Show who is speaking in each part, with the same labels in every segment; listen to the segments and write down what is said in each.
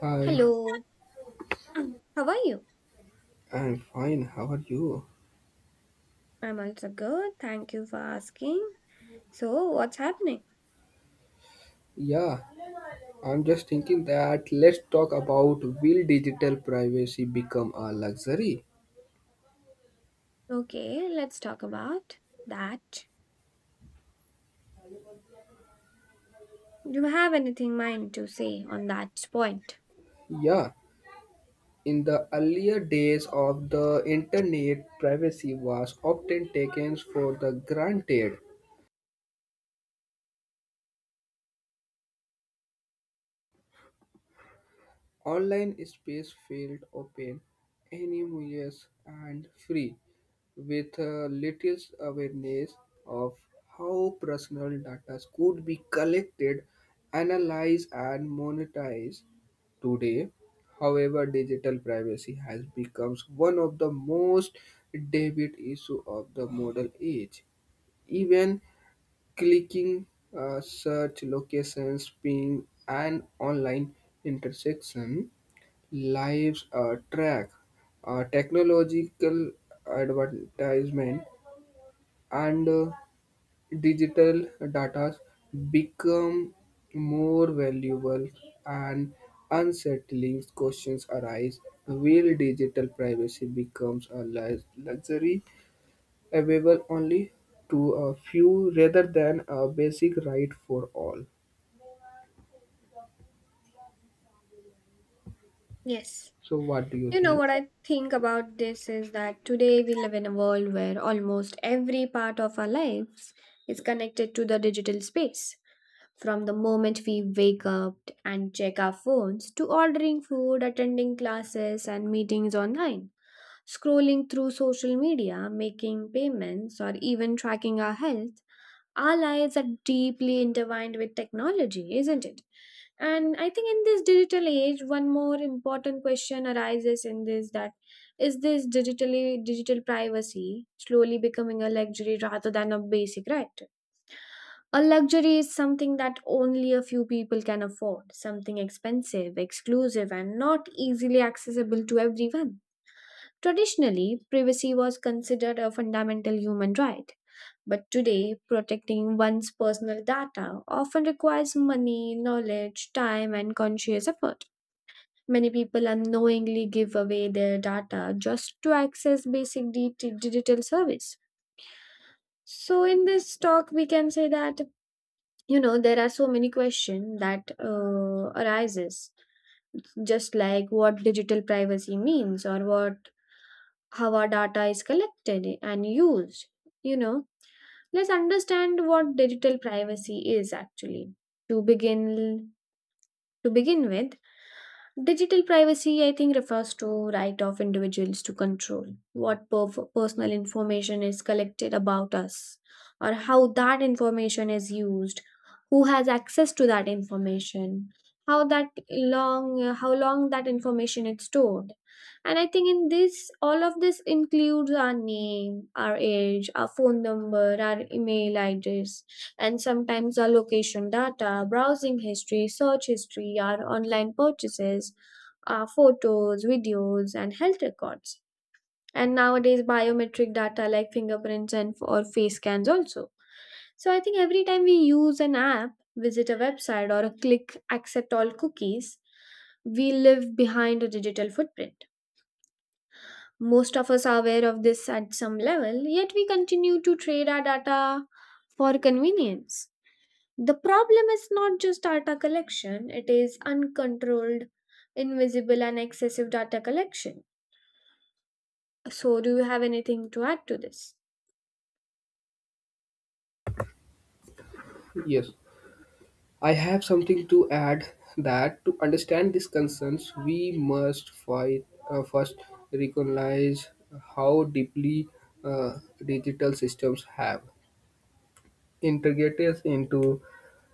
Speaker 1: Hi,
Speaker 2: Hello, how are you?
Speaker 1: I'm fine. How are you?
Speaker 2: I'm also good. Thank you for asking. So, what's happening?
Speaker 1: Yeah, I'm just thinking that let's talk about will digital privacy become a luxury?
Speaker 2: Okay, let's talk about that. Do you have anything mind to say on that point?
Speaker 1: Yeah, in the earlier days of the internet, privacy was often taken for the granted. Online space felt open, anonymous, and free, with little awareness of how personal data could be collected, analyzed, and monetized. Today, however, digital privacy has become one of the most debated issue of the modern age. Even clicking search locations, ping, and online intersection lives track technological advertisement and digital data become more valuable and unsettling questions arise, will digital privacy becomes a luxury available only to a few rather than a basic right for all.
Speaker 2: Yes.
Speaker 1: So what do you
Speaker 2: You know
Speaker 1: think?
Speaker 2: what I think about this is that today we live in a world where almost every part of our lives is connected to the digital space. From the moment we wake up and check our phones to ordering food, attending classes, and meetings online, scrolling through social media, making payments, or even tracking our health, our lives are deeply intertwined with technology, isn't it? And I think in this digital age, one more important question arises in this that is this digital privacy slowly becoming a luxury rather than a basic right? A luxury is something that only a few people can afford, something expensive, exclusive, and not easily accessible to everyone. Traditionally, privacy was considered a fundamental human right, but today, protecting one's personal data often requires money, knowledge, time, and conscious effort. Many people unknowingly give away their data just to access basic digital service. So, in this talk, we can say that you know there are so many questions that arises just like what digital privacy means or what how our data is collected and used. You know, let's understand what digital privacy is actually. To begin to begin with, digital privacy, I think, refers to right of individuals to control what personal information is collected about us, or how that information is used, who has access to that information, how long that information is stored. And I think in this all of this includes our name, our age, our phone number, our email address, and sometimes our location data, browsing history, search history, our online purchases, our photos, videos, and health records. And nowadays, biometric data like fingerprints and or face scans also. So I think every time we use an app, visit a website, or click accept all cookies, we live behind a digital footprint. Most of us are aware of this at some level, yet we continue to trade our data for convenience. The problem is not just data collection, it is uncontrolled, invisible, and excessive data collection. So, do you have anything to add to this?
Speaker 1: Yes, I have something to add, that to understand these concerns, we must fight, first recognize how deeply uh, digital systems have integrated into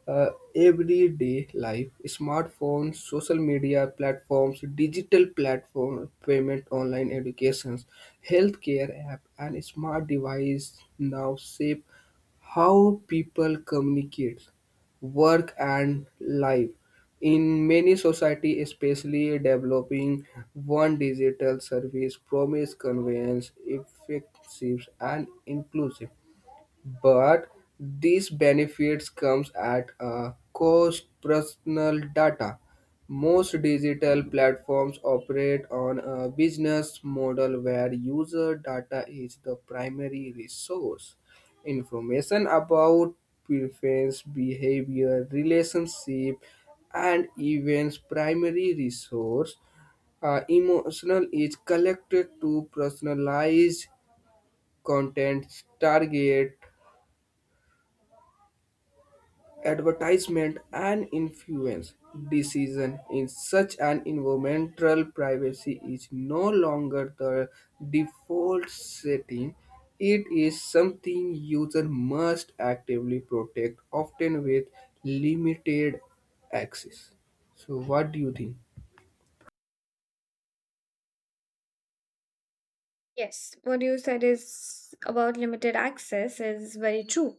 Speaker 1: uh, everyday life. Smartphones, social media platforms, digital platform, payment, online educations, healthcare app, and smart device now shape how people communicate, work, and live. In many society, especially developing one, digital service promise convenience, effective and inclusive, but these benefits comes at a cost, personal data. Most digital platforms operate on a business model where user data is the primary resource. Information about preference, behavior, relationship, and events, primary resource, emotional, is collected to personalize content, target advertisement, and influence decision. In such an environmental, privacy is no longer the default setting. It is something user must actively protect, often with limited access. So what do you think?
Speaker 2: Yes, what you said is about limited access is very true.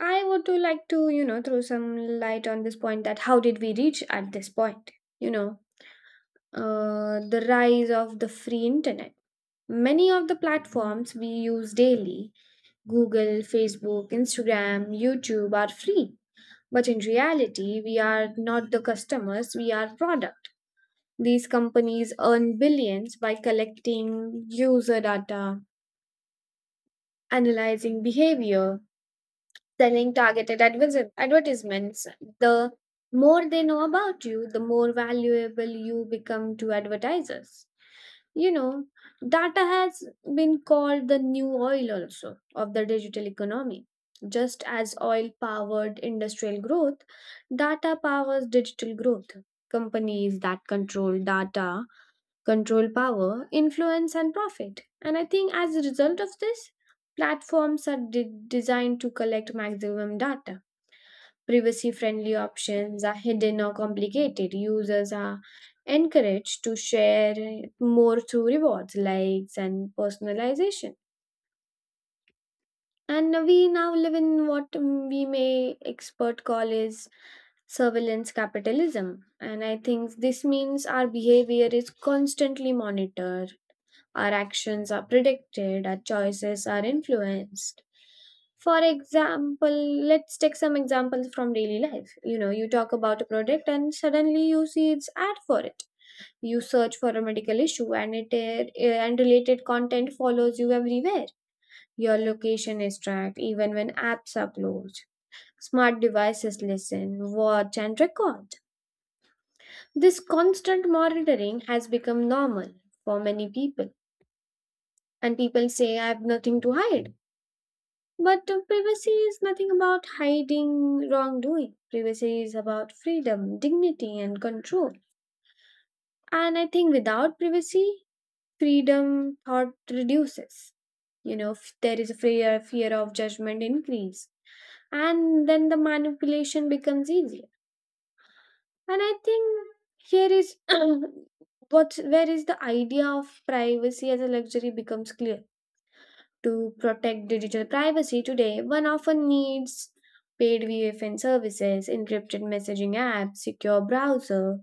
Speaker 2: I would do like to, you know, throw some light on this point that how did we reach at this point? You know, the rise of the free internet. Many of the platforms we use daily, Google, Facebook, Instagram, YouTube, are free. But in reality, we are not the customers, we are product. These companies earn billions by collecting user data, analyzing behavior, selling targeted advertisements. The more they know about you, the more valuable you become to advertisers. You know, data has been called the new oil also of the digital economy. Just as oil powered industrial growth, data powers digital growth. Companies that control data control power, influence, and profit. And I think as a result of this, platforms are designed to collect maximum data. Privacy friendly options are hidden or complicated. Users are encouraged to share more through rewards, likes, and personalization. And we now live in what we may expert call is surveillance capitalism. And I think this means our behavior is constantly monitored. Our actions are predicted, our choices are influenced. For example, let's take some examples from daily life. You know, you talk about a product and suddenly you see its ad for it. You search for a medical issue and and related content follows you everywhere. Your location is tracked even when apps are closed. Smart devices listen, watch and record. This constant monitoring has become normal for many people, and people say I have nothing to hide. But privacy is nothing about hiding wrongdoing. Privacy is about freedom, dignity, and control. And I think without privacy, freedom thought reduces. You know, there is a fear, fear of judgment increase, and then the manipulation becomes easier. And I think here is what where is the idea of privacy as a luxury becomes clear. To protect digital privacy today, one often needs paid VPN services, encrypted messaging apps, secure browser,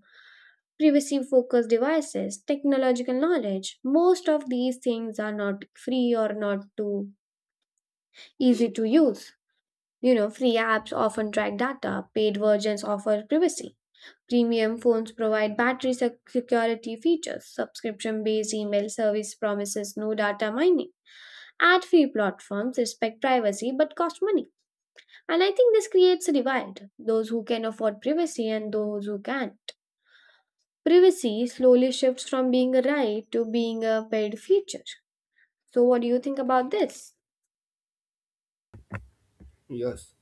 Speaker 2: privacy focused devices, technological knowledge. Most of these things are not free or not too easy to use. You know, free apps often track data, paid versions offer privacy. Premium phones provide battery security features. Subscription based email service promises no data mining. Ad free platforms respect privacy but cost money. And I think this creates a divide those who can afford privacy and those who can't. Privacy slowly shifts from being a right to being a paid feature. So, what do you think about this?
Speaker 1: Yes.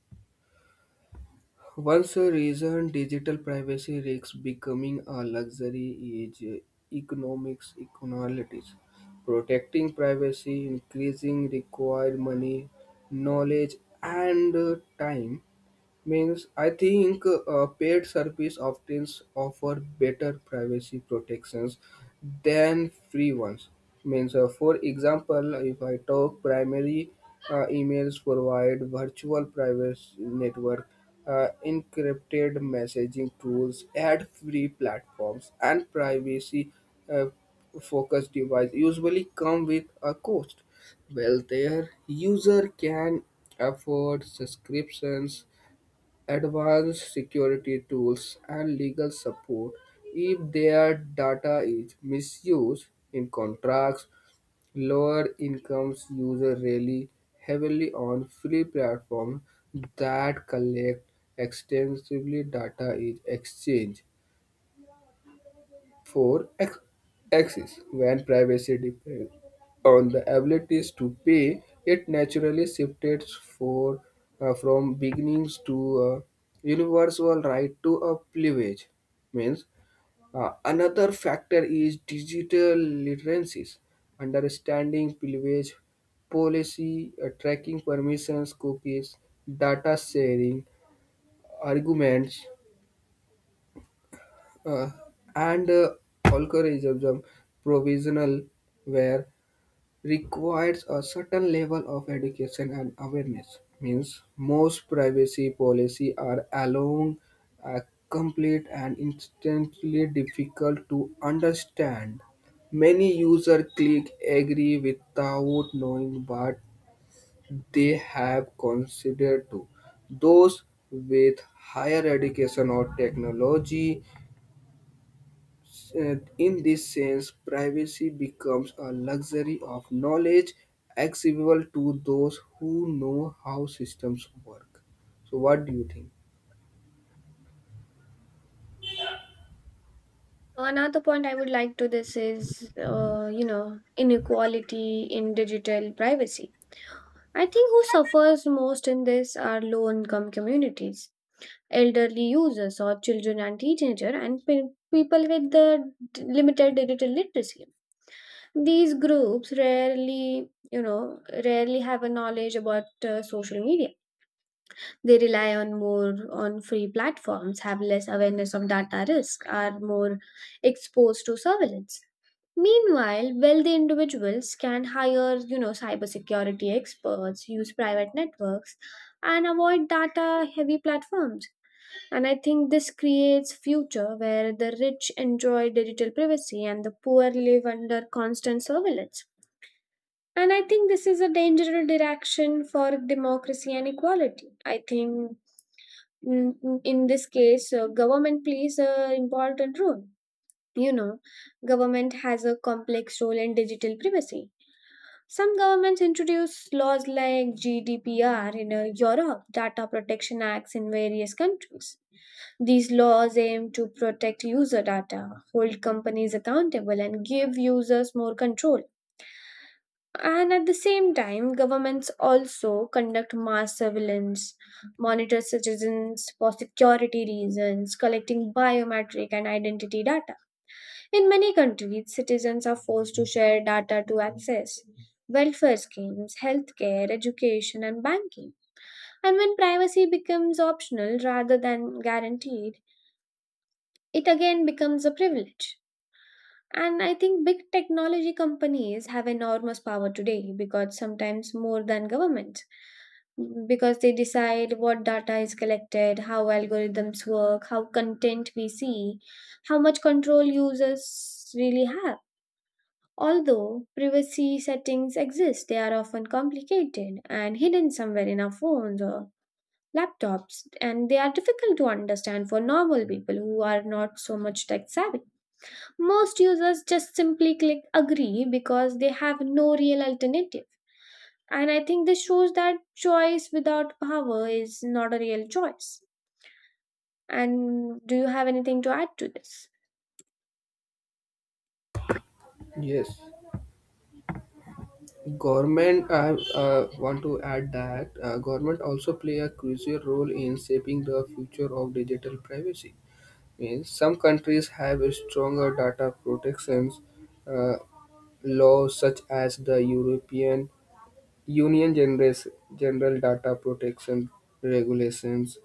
Speaker 1: Once a reason digital privacy risks becoming a luxury is economics inequalities. Protecting privacy increasing required money, knowledge, and time. Means, I think paid service often offer better privacy protections than free ones. Means for example, if I talk primary, emails provide virtual privacy network, encrypted messaging tools, ad-free platforms, and privacy uh, focused device usually come with a cost. Well, their user can afford subscriptions, advanced security tools, and legal support if their data is misused in contracts. Lower incomes users rely heavily on free platforms that collect extensively data is exchanged for axis. When privacy depends on the abilities to pay, it naturally shifted for, from beginnings to a universal right to a privilege. Means another factor is digital literacies, understanding privilege policy, tracking permissions, cookies, data sharing, arguments, uh, and algorithm provisional, where requires a certain level of education and awareness. Means most privacy policy are along a complete and instantly difficult to understand. Many user click agree without knowing what they have considered to. Those with higher education or technology, in this sense, privacy becomes a luxury of knowledge, accessible to those who know how systems work. So, what do you think?
Speaker 2: Another point I would like to this is, you know, inequality in digital privacy. I think who suffers most in this are low income communities, elderly users or children and teenager and people with limited digital literacy. These groups rarely, you know, rarely have a knowledge about social media. They rely on more on free platforms, have less awareness of data risk, are more exposed to surveillance. Meanwhile wealthy individuals can hire, you know, cybersecurity experts, use private networks and avoid data heavy platforms. And I think this creates future where the rich enjoy digital privacy and the poor live under constant surveillance. And I think this is a dangerous direction for democracy and equality. I think in this case, government plays an important role. You know, government has a complex role in digital privacy. Some governments introduce laws like GDPR in Europe, data protection acts in various countries. These laws aim to protect user data, hold companies accountable, and give users more control. And at the same time, governments also conduct mass surveillance, monitor citizens for security reasons, collecting biometric and identity data. In many countries, citizens are forced to share data to access welfare schemes, healthcare, education, and banking. And when privacy becomes optional rather than guaranteed, it again becomes a privilege. And I think big technology companies have enormous power today because sometimes more than governments, because they decide what data is collected, how algorithms work, how content we see, how much control users really have. Although privacy settings exist, they are often complicated and hidden somewhere in our phones or laptops, and they are difficult to understand for normal people who are not so much tech savvy. Most users just simply click agree because they have no real alternative. And I think this shows that choice without power is not a real choice. And do you have anything to add to this?
Speaker 1: Yes, government. I want to add that government also play a crucial role in shaping the future of digital privacy. Means some countries have a stronger data protections uh, laws, such as the European Union generates General Data Protection Regulations,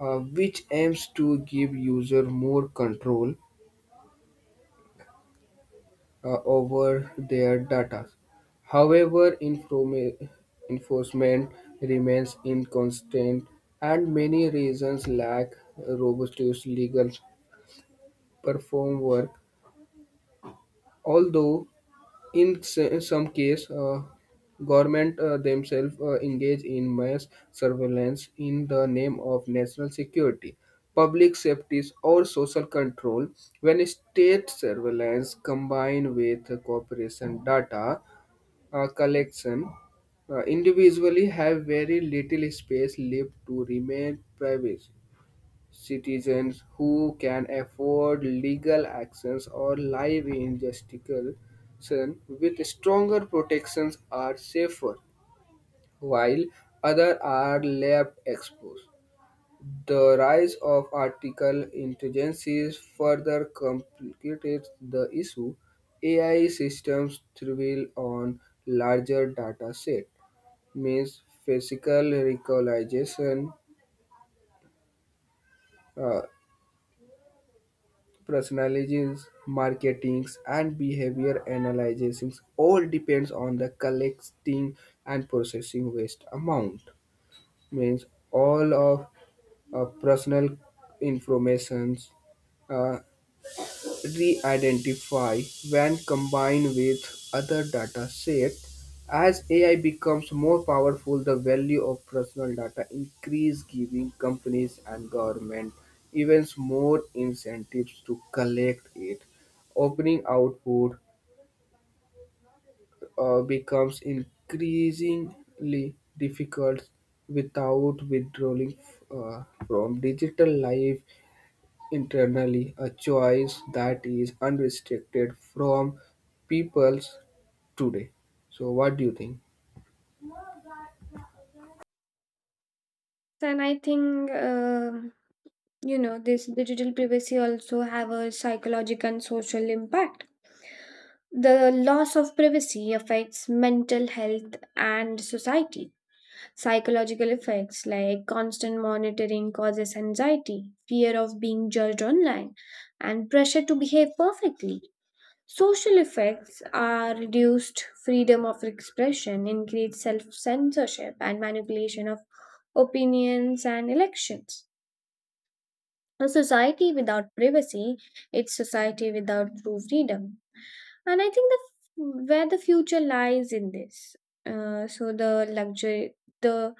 Speaker 1: which aims to give users more control over their data. However, enforcement remains inconsistent, and many reasons lack robust legal perform work. Although in some case, government themselves engage in mass surveillance in the name of national security, public safety, or social control. When state surveillance combined with corporation data collection, individually have very little space left to remain private. Citizens who can afford legal actions or live in jurisdiction with stronger protections are safer, while others are left exposed. The rise of artificial intelligence further complicates the issue. AI systems thrive on larger data set. Means physical recognition, uh, personalizations, marketings, and behavior analysis all depends on the collecting and processing waste amount. Means all of personal informations uh, re-identify when combined with other data sets. As AI becomes more powerful, the value of personal data increase, giving companies and government even more incentives to collect it. Opening output becomes increasingly difficult without withdrawing from digital life, internally a choice that is unrestricted from peoples today. So what do you think?
Speaker 2: And I think, you know, this digital privacy also have a psychological and social impact. The loss of privacy affects mental health and society. Psychological effects like constant monitoring causes anxiety, fear of being judged online, and pressure to behave perfectly. Social effects are reduced freedom of expression, increased self censorship, and manipulation of opinions and elections. A society without privacy, it's society without true freedom. And I think the where the future lies in this. So the luxury, the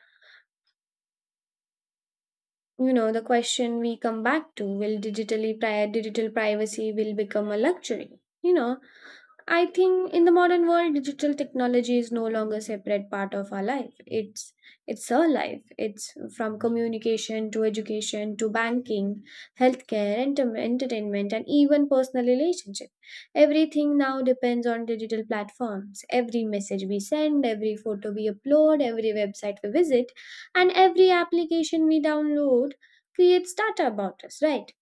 Speaker 2: you know the question we come back to will digital privacy will become a luxury, you know. I think in the modern world, digital technology is no longer a separate part of our life. It's our life. It's from communication to education to banking, healthcare, entertainment, and even personal relationship. Everything now depends on digital platforms. Every message we send, every photo we upload, every website we visit, and every application we download creates data about us, right?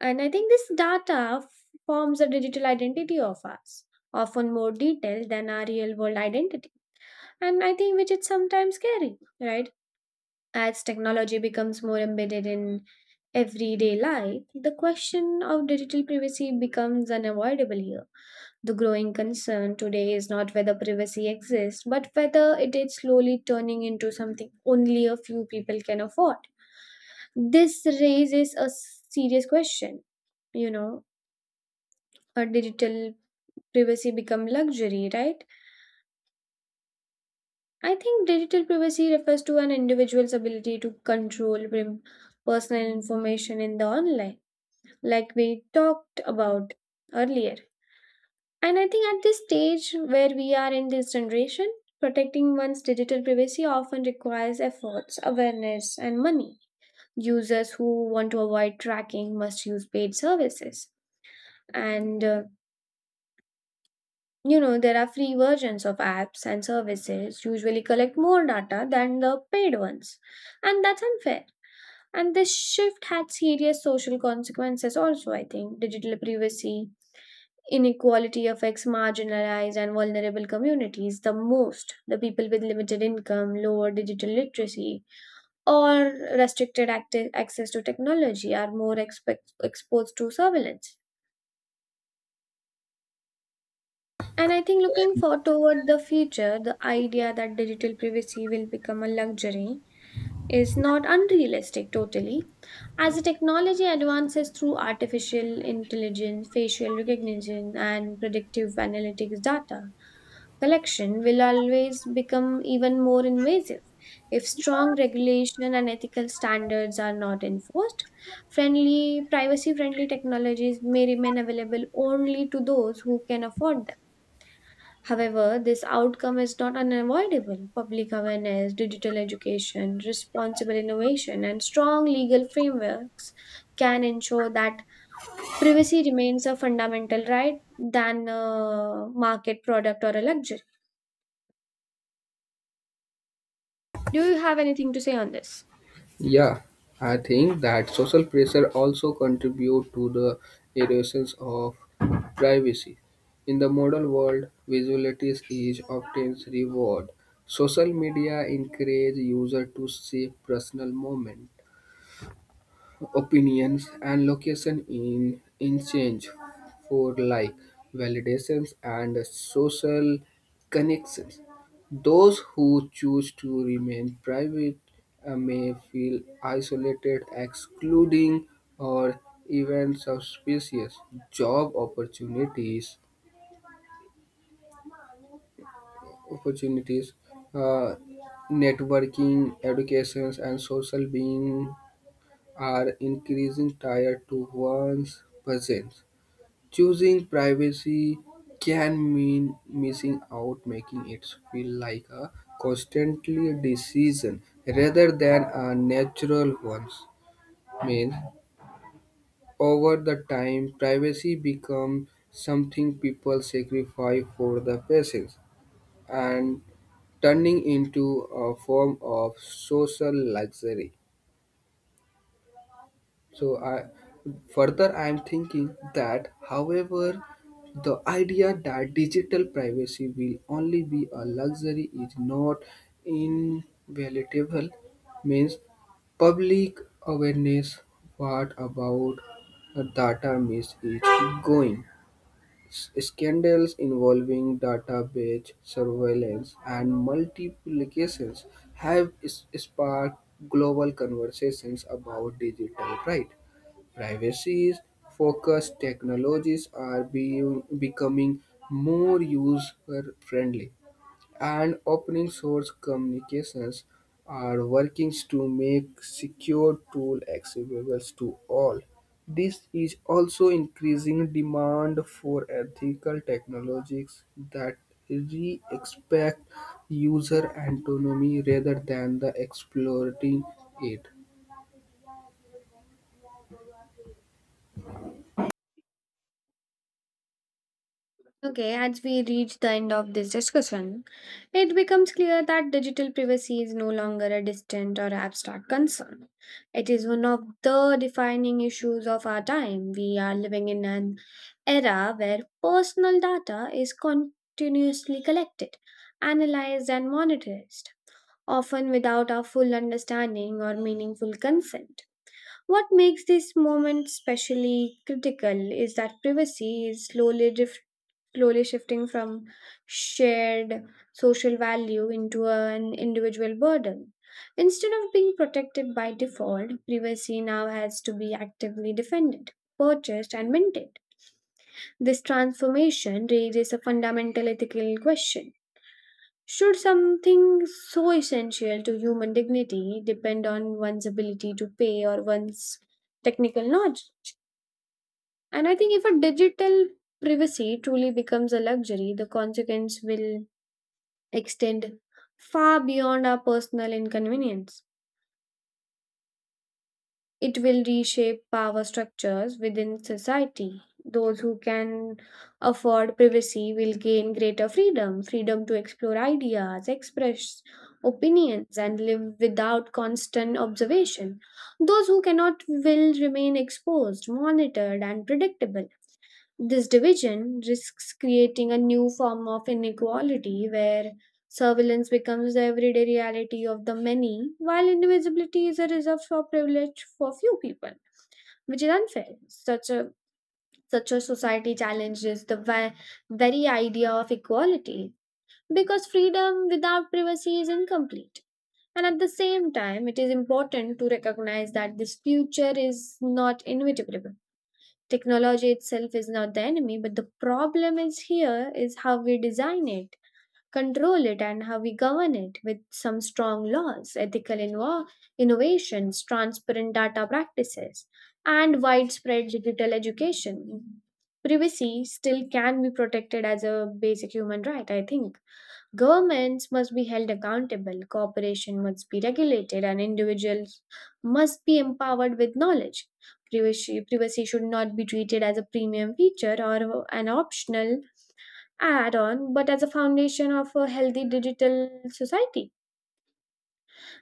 Speaker 2: And I think this data forms a digital identity of us, often more detailed than our real world identity. And I think which is sometimes scary, right? As technology becomes more embedded in everyday life, the question of digital privacy becomes unavoidable here. The growing concern today is not whether privacy exists, but whether it is slowly turning into something only a few people can afford. This raises a serious question, you know, or digital privacy become luxury, right? I think digital privacy refers to an individual's ability to control personal information in the online, like we talked about earlier. And I think at this stage where we are in this generation, protecting one's digital privacy often requires efforts, awareness, and money. Users who want to avoid tracking must use paid services. And you know, there are free versions of apps and services usually collect more data than the paid ones, and that's unfair. And this shift had serious social consequences also, I think. Digital privacy, inequality affects marginalized and vulnerable communities the most. The people with limited income, lower digital literacy, or restricted access to technology are more exposed to surveillance. And I think looking for toward the future, the idea that digital privacy will become a luxury is not unrealistic totally. As the technology advances through artificial intelligence, facial recognition, and predictive analytics data, collection will always become even more invasive. If strong regulation and ethical standards are not enforced, friendly privacy friendly technologies may remain available only to those who can afford them. However, this outcome is not unavoidable. Public awareness, digital education, responsible innovation, and strong legal frameworks can ensure that privacy remains a fundamental right than a market product or a luxury. Do you have anything to say on this?
Speaker 1: Yeah, I think that social pressure also contribute to the erosion of privacy. In the modern world, visibility is often reward. Social media encourage user to save personal moment, opinions and location, in change for like, validations and social connections. Those who choose to remain private may feel isolated, excluding, or even suspicious. Job opportunities, uh, networking, educations, and social being are increasing tied to one's presence. Choosing privacy can mean missing out, making it feel like a constantly decision rather than a natural one. Means over the time, privacy becomes something people sacrifice for the patience, and turning into a form of social luxury. So I, further I am thinking that however the idea that digital privacy will only be a luxury is not invaluable. Means public awareness, what about data miss is going, scandals involving database surveillance and multiplications have sparked global conversations about digital right. Privacy focused technologies are becoming more user friendly, and open source communications are working to make secure tool accessible to all. This is also increasing demand for ethical technologies that re-expect user autonomy rather than the exploiting it.
Speaker 2: Okay, as we reach the end of this discussion, it becomes clear that digital privacy is no longer a distant or abstract concern. It is one of the defining issues of our time. We are living in an era where personal data is continuously collected, analyzed, and monitored, often without our full understanding or meaningful consent. What makes this moment especially critical is that privacy is slowly slowly shifting from shared social value into an individual burden. Instead of being protected by default, privacy now has to be actively defended, purchased, and maintained. This transformation raises a fundamental ethical question. Should something so essential to human dignity depend on one's ability to pay or one's technical knowledge? And I think if a digital privacy truly becomes a luxury, the consequence will extend far beyond our personal inconvenience. It will reshape power structures within society. Those who can afford privacy will gain greater freedom to explore ideas, express opinions, and live without constant observation. Those who cannot will remain exposed, monitored, and predictable. This division risks creating a new form of inequality where surveillance becomes the everyday reality of the many, while invisibility is a reserve for privilege for few people, which is unfair. Such a society challenges the very idea of equality because freedom without privacy is incomplete. And at the same time, it is important to recognize that this future is not inevitable. Technology itself is not the enemy, but the problem is here is how we design it, control it, and how we govern it with some strong laws, ethical innovations, transparent data practices, and widespread digital education. Privacy still can be protected as a basic human right, I think. Governments must be held accountable, cooperation must be regulated, and individuals must be empowered with knowledge. Privacy should not be treated as a premium feature or an optional add on, but as a foundation of a healthy digital society.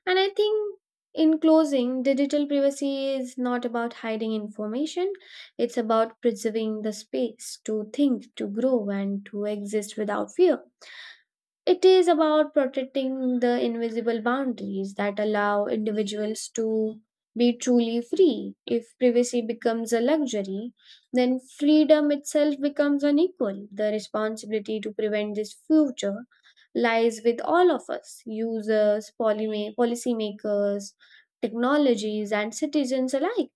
Speaker 2: And I think, in closing, digital privacy is not about hiding information, it's about preserving the space to think, to grow, and to exist without fear. It is about protecting the invisible boundaries that allow individuals to be truly free. If privacy becomes a luxury, then freedom itself becomes unequal. The responsibility to prevent this future lies with all of us users, policymakers, technologies, and citizens alike.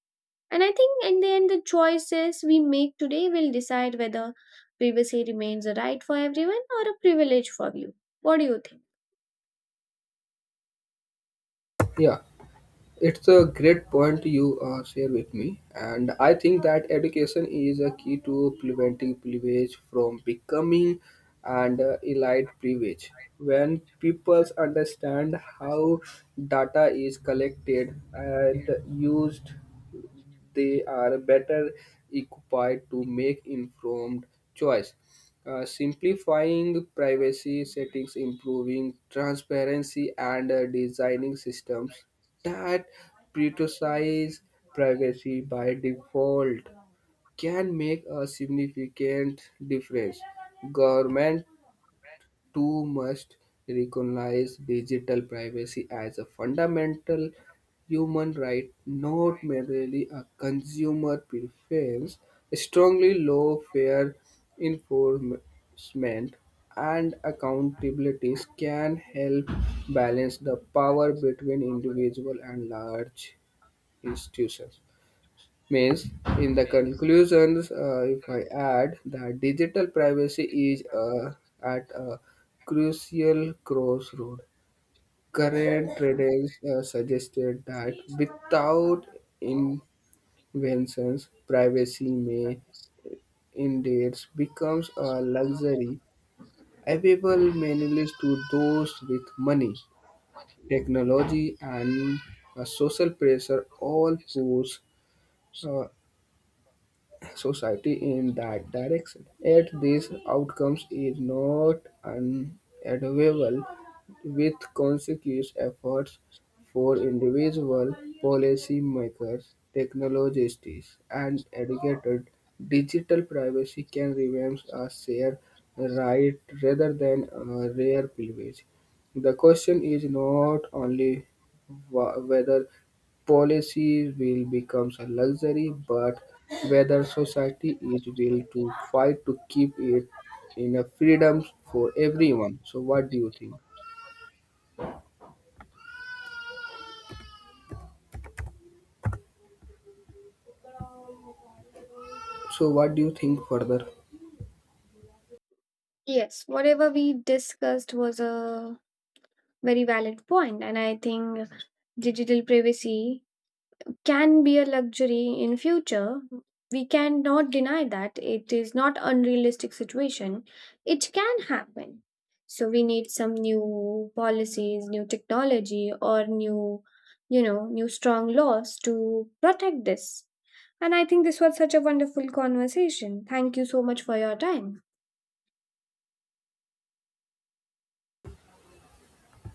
Speaker 2: And I think in the end, the choices we make today will decide whether privacy remains a right for everyone or a privilege for you. What do you think?
Speaker 1: Yeah, it's a great point you share with me, and I think that education is a key to preventing privilege from becoming an elite privilege. When people understand how data is collected and used, they are better equipped to make informed choice. Simplifying privacy settings, improving transparency, and designing systems that prioritize privacy by default can make a significant difference. Government too must recognize digital privacy as a fundamental human right, not merely a consumer preference. Strongly low fair enforcement and accountabilities can help balance the power between individual and large institutions. Means, in the conclusions, if I add that digital privacy is at a crucial crossroad. Current trends suggested that without inventions, privacy may indeed becomes a luxury available mainly to those with money. Technology and social pressure all push uh, society in that direction. Yet these outcomes is not unavoidable. With conscious efforts for individual, policymakers, technologists, and educators, digital privacy can remain a shared right rather than a rare privilege. The question is not only whether policy will become a luxury, but whether society is will to fight to keep it in a freedom for everyone. So what do you think? So what do you think further?
Speaker 2: Yes, whatever we discussed was a very valid point, and I think digital privacy can be a luxury in future. We cannot deny that it is not unrealistic situation. It can happen, so we need some new policies, new technology, or new new strong laws to protect this. And I think this was such a wonderful conversation. Thank you so much for your time.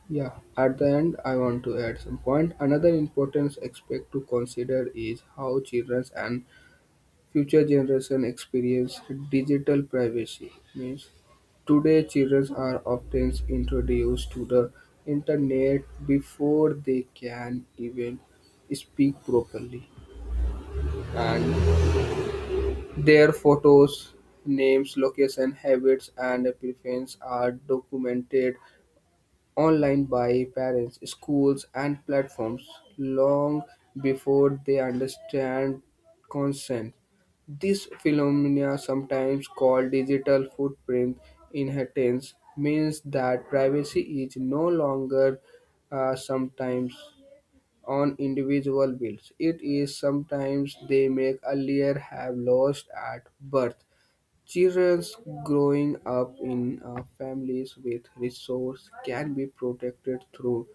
Speaker 1: Yeah, at the end, I want to add some point. Another important aspect to consider is how children and future generation experience digital privacy. Means today children are often introduced to the internet before they can even speak properly, and their photos, names, location, habits, and preferences are documented online by parents, schools, and platforms long before they understand consent. This phenomena, sometimes called digital footprint inheritance, means that privacy is no longer sometimes on individual bills. It is sometimes they make earlier have lost at birth. Children growing up in families with resources can be protected through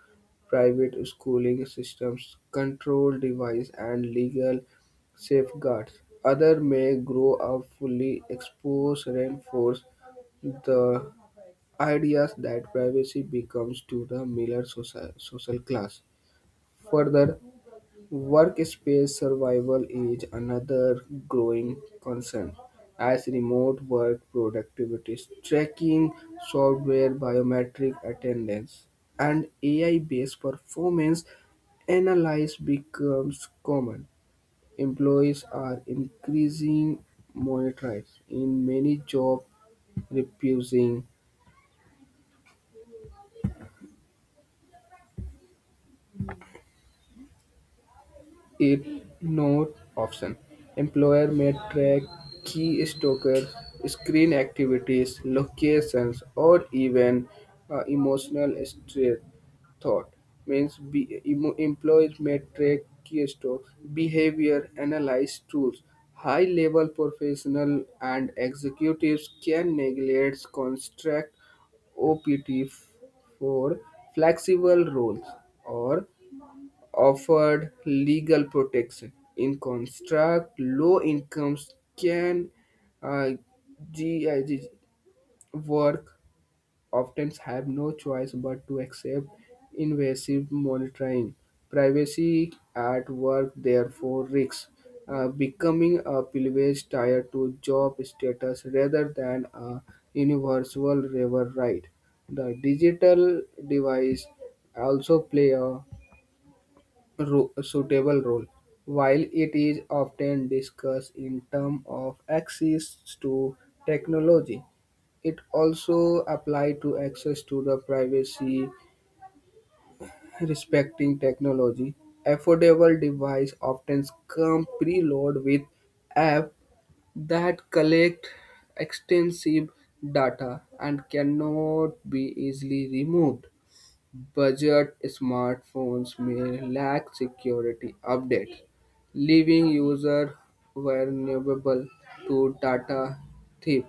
Speaker 1: private schooling systems, control device, and legal safeguards. Others may grow up fully exposed, reinforce the ideas that privacy becomes to the miller social class. Further, workspace survival is another growing concern, as remote work productivity tracking software, biometric attendance, and AI-based performance analysis becomes common. Employees are increasing monitored in many jobs, refusing ignore option. Employer may track key stalkers, screen activities, locations, or even emotional stress thought. Means employees may track key stocks, behavior analyze tools. High level professional and executives can neglect construct OPT for flexible roles or offered legal protection. In contrast, low incomes can uh, GIG work often have no choice but to accept invasive monitoring. Privacy at work therefore risks becoming a privilege tied to job status rather than a universal labor right. The digital device also play a suitable role. While it is often discussed in terms of access to technology, it also applies to access to the privacy respecting technology. Affordable devices often come preloaded with apps that collect extensive data and cannot be easily removed. Budget smartphones may lack security updates, leaving users vulnerable to data theft.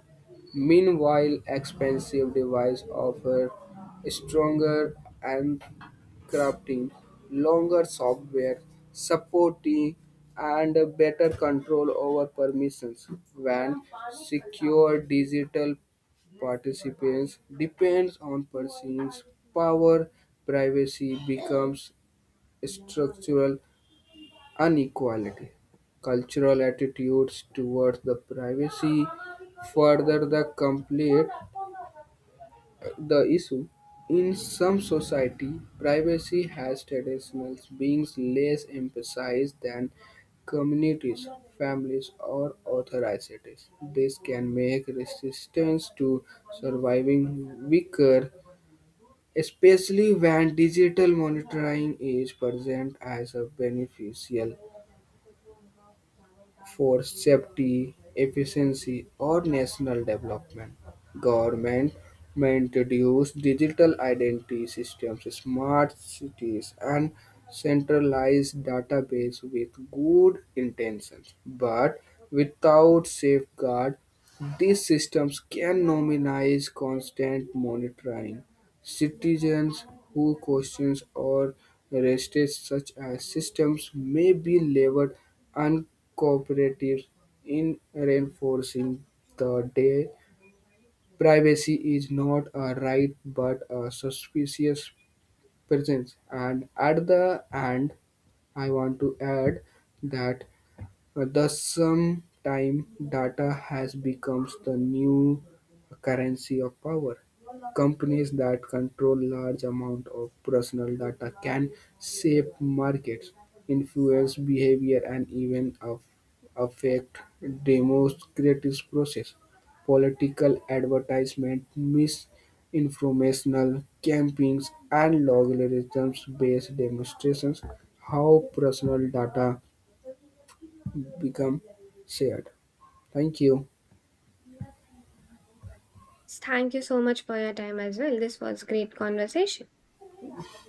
Speaker 1: Meanwhile, expensive devices offer stronger crafting, longer software supporting, and better control over permissions. When secure digital participants depends on persons power, privacy becomes structural inequality. Cultural attitudes towards the privacy further the complete the issue. In some society, privacy has traditional beings less emphasized than communities, families, or authorities. This can make resistance to surviving weaker, especially when digital monitoring is present as a beneficial for safety, efficiency, or national development. Government may introduce digital identity systems, smart cities, and centralized database with good intentions. But without safeguard, these systems can nominalize constant monitoring. Citizens who question or resist such a system may be labeled uncooperative, in reinforcing the day privacy is not a right but a suspicious presence. And at the end, I want to add that, thus, some time data has becomes the new currency of power. Companies that control large amount of personal data can shape markets, influence behavior, and even affect democratic process. Political advertisement, misinformational campaigns, and logarithms-based demonstrations how personal data become shared. Thank you.
Speaker 2: Thank you so much for your time as well. This was great conversation.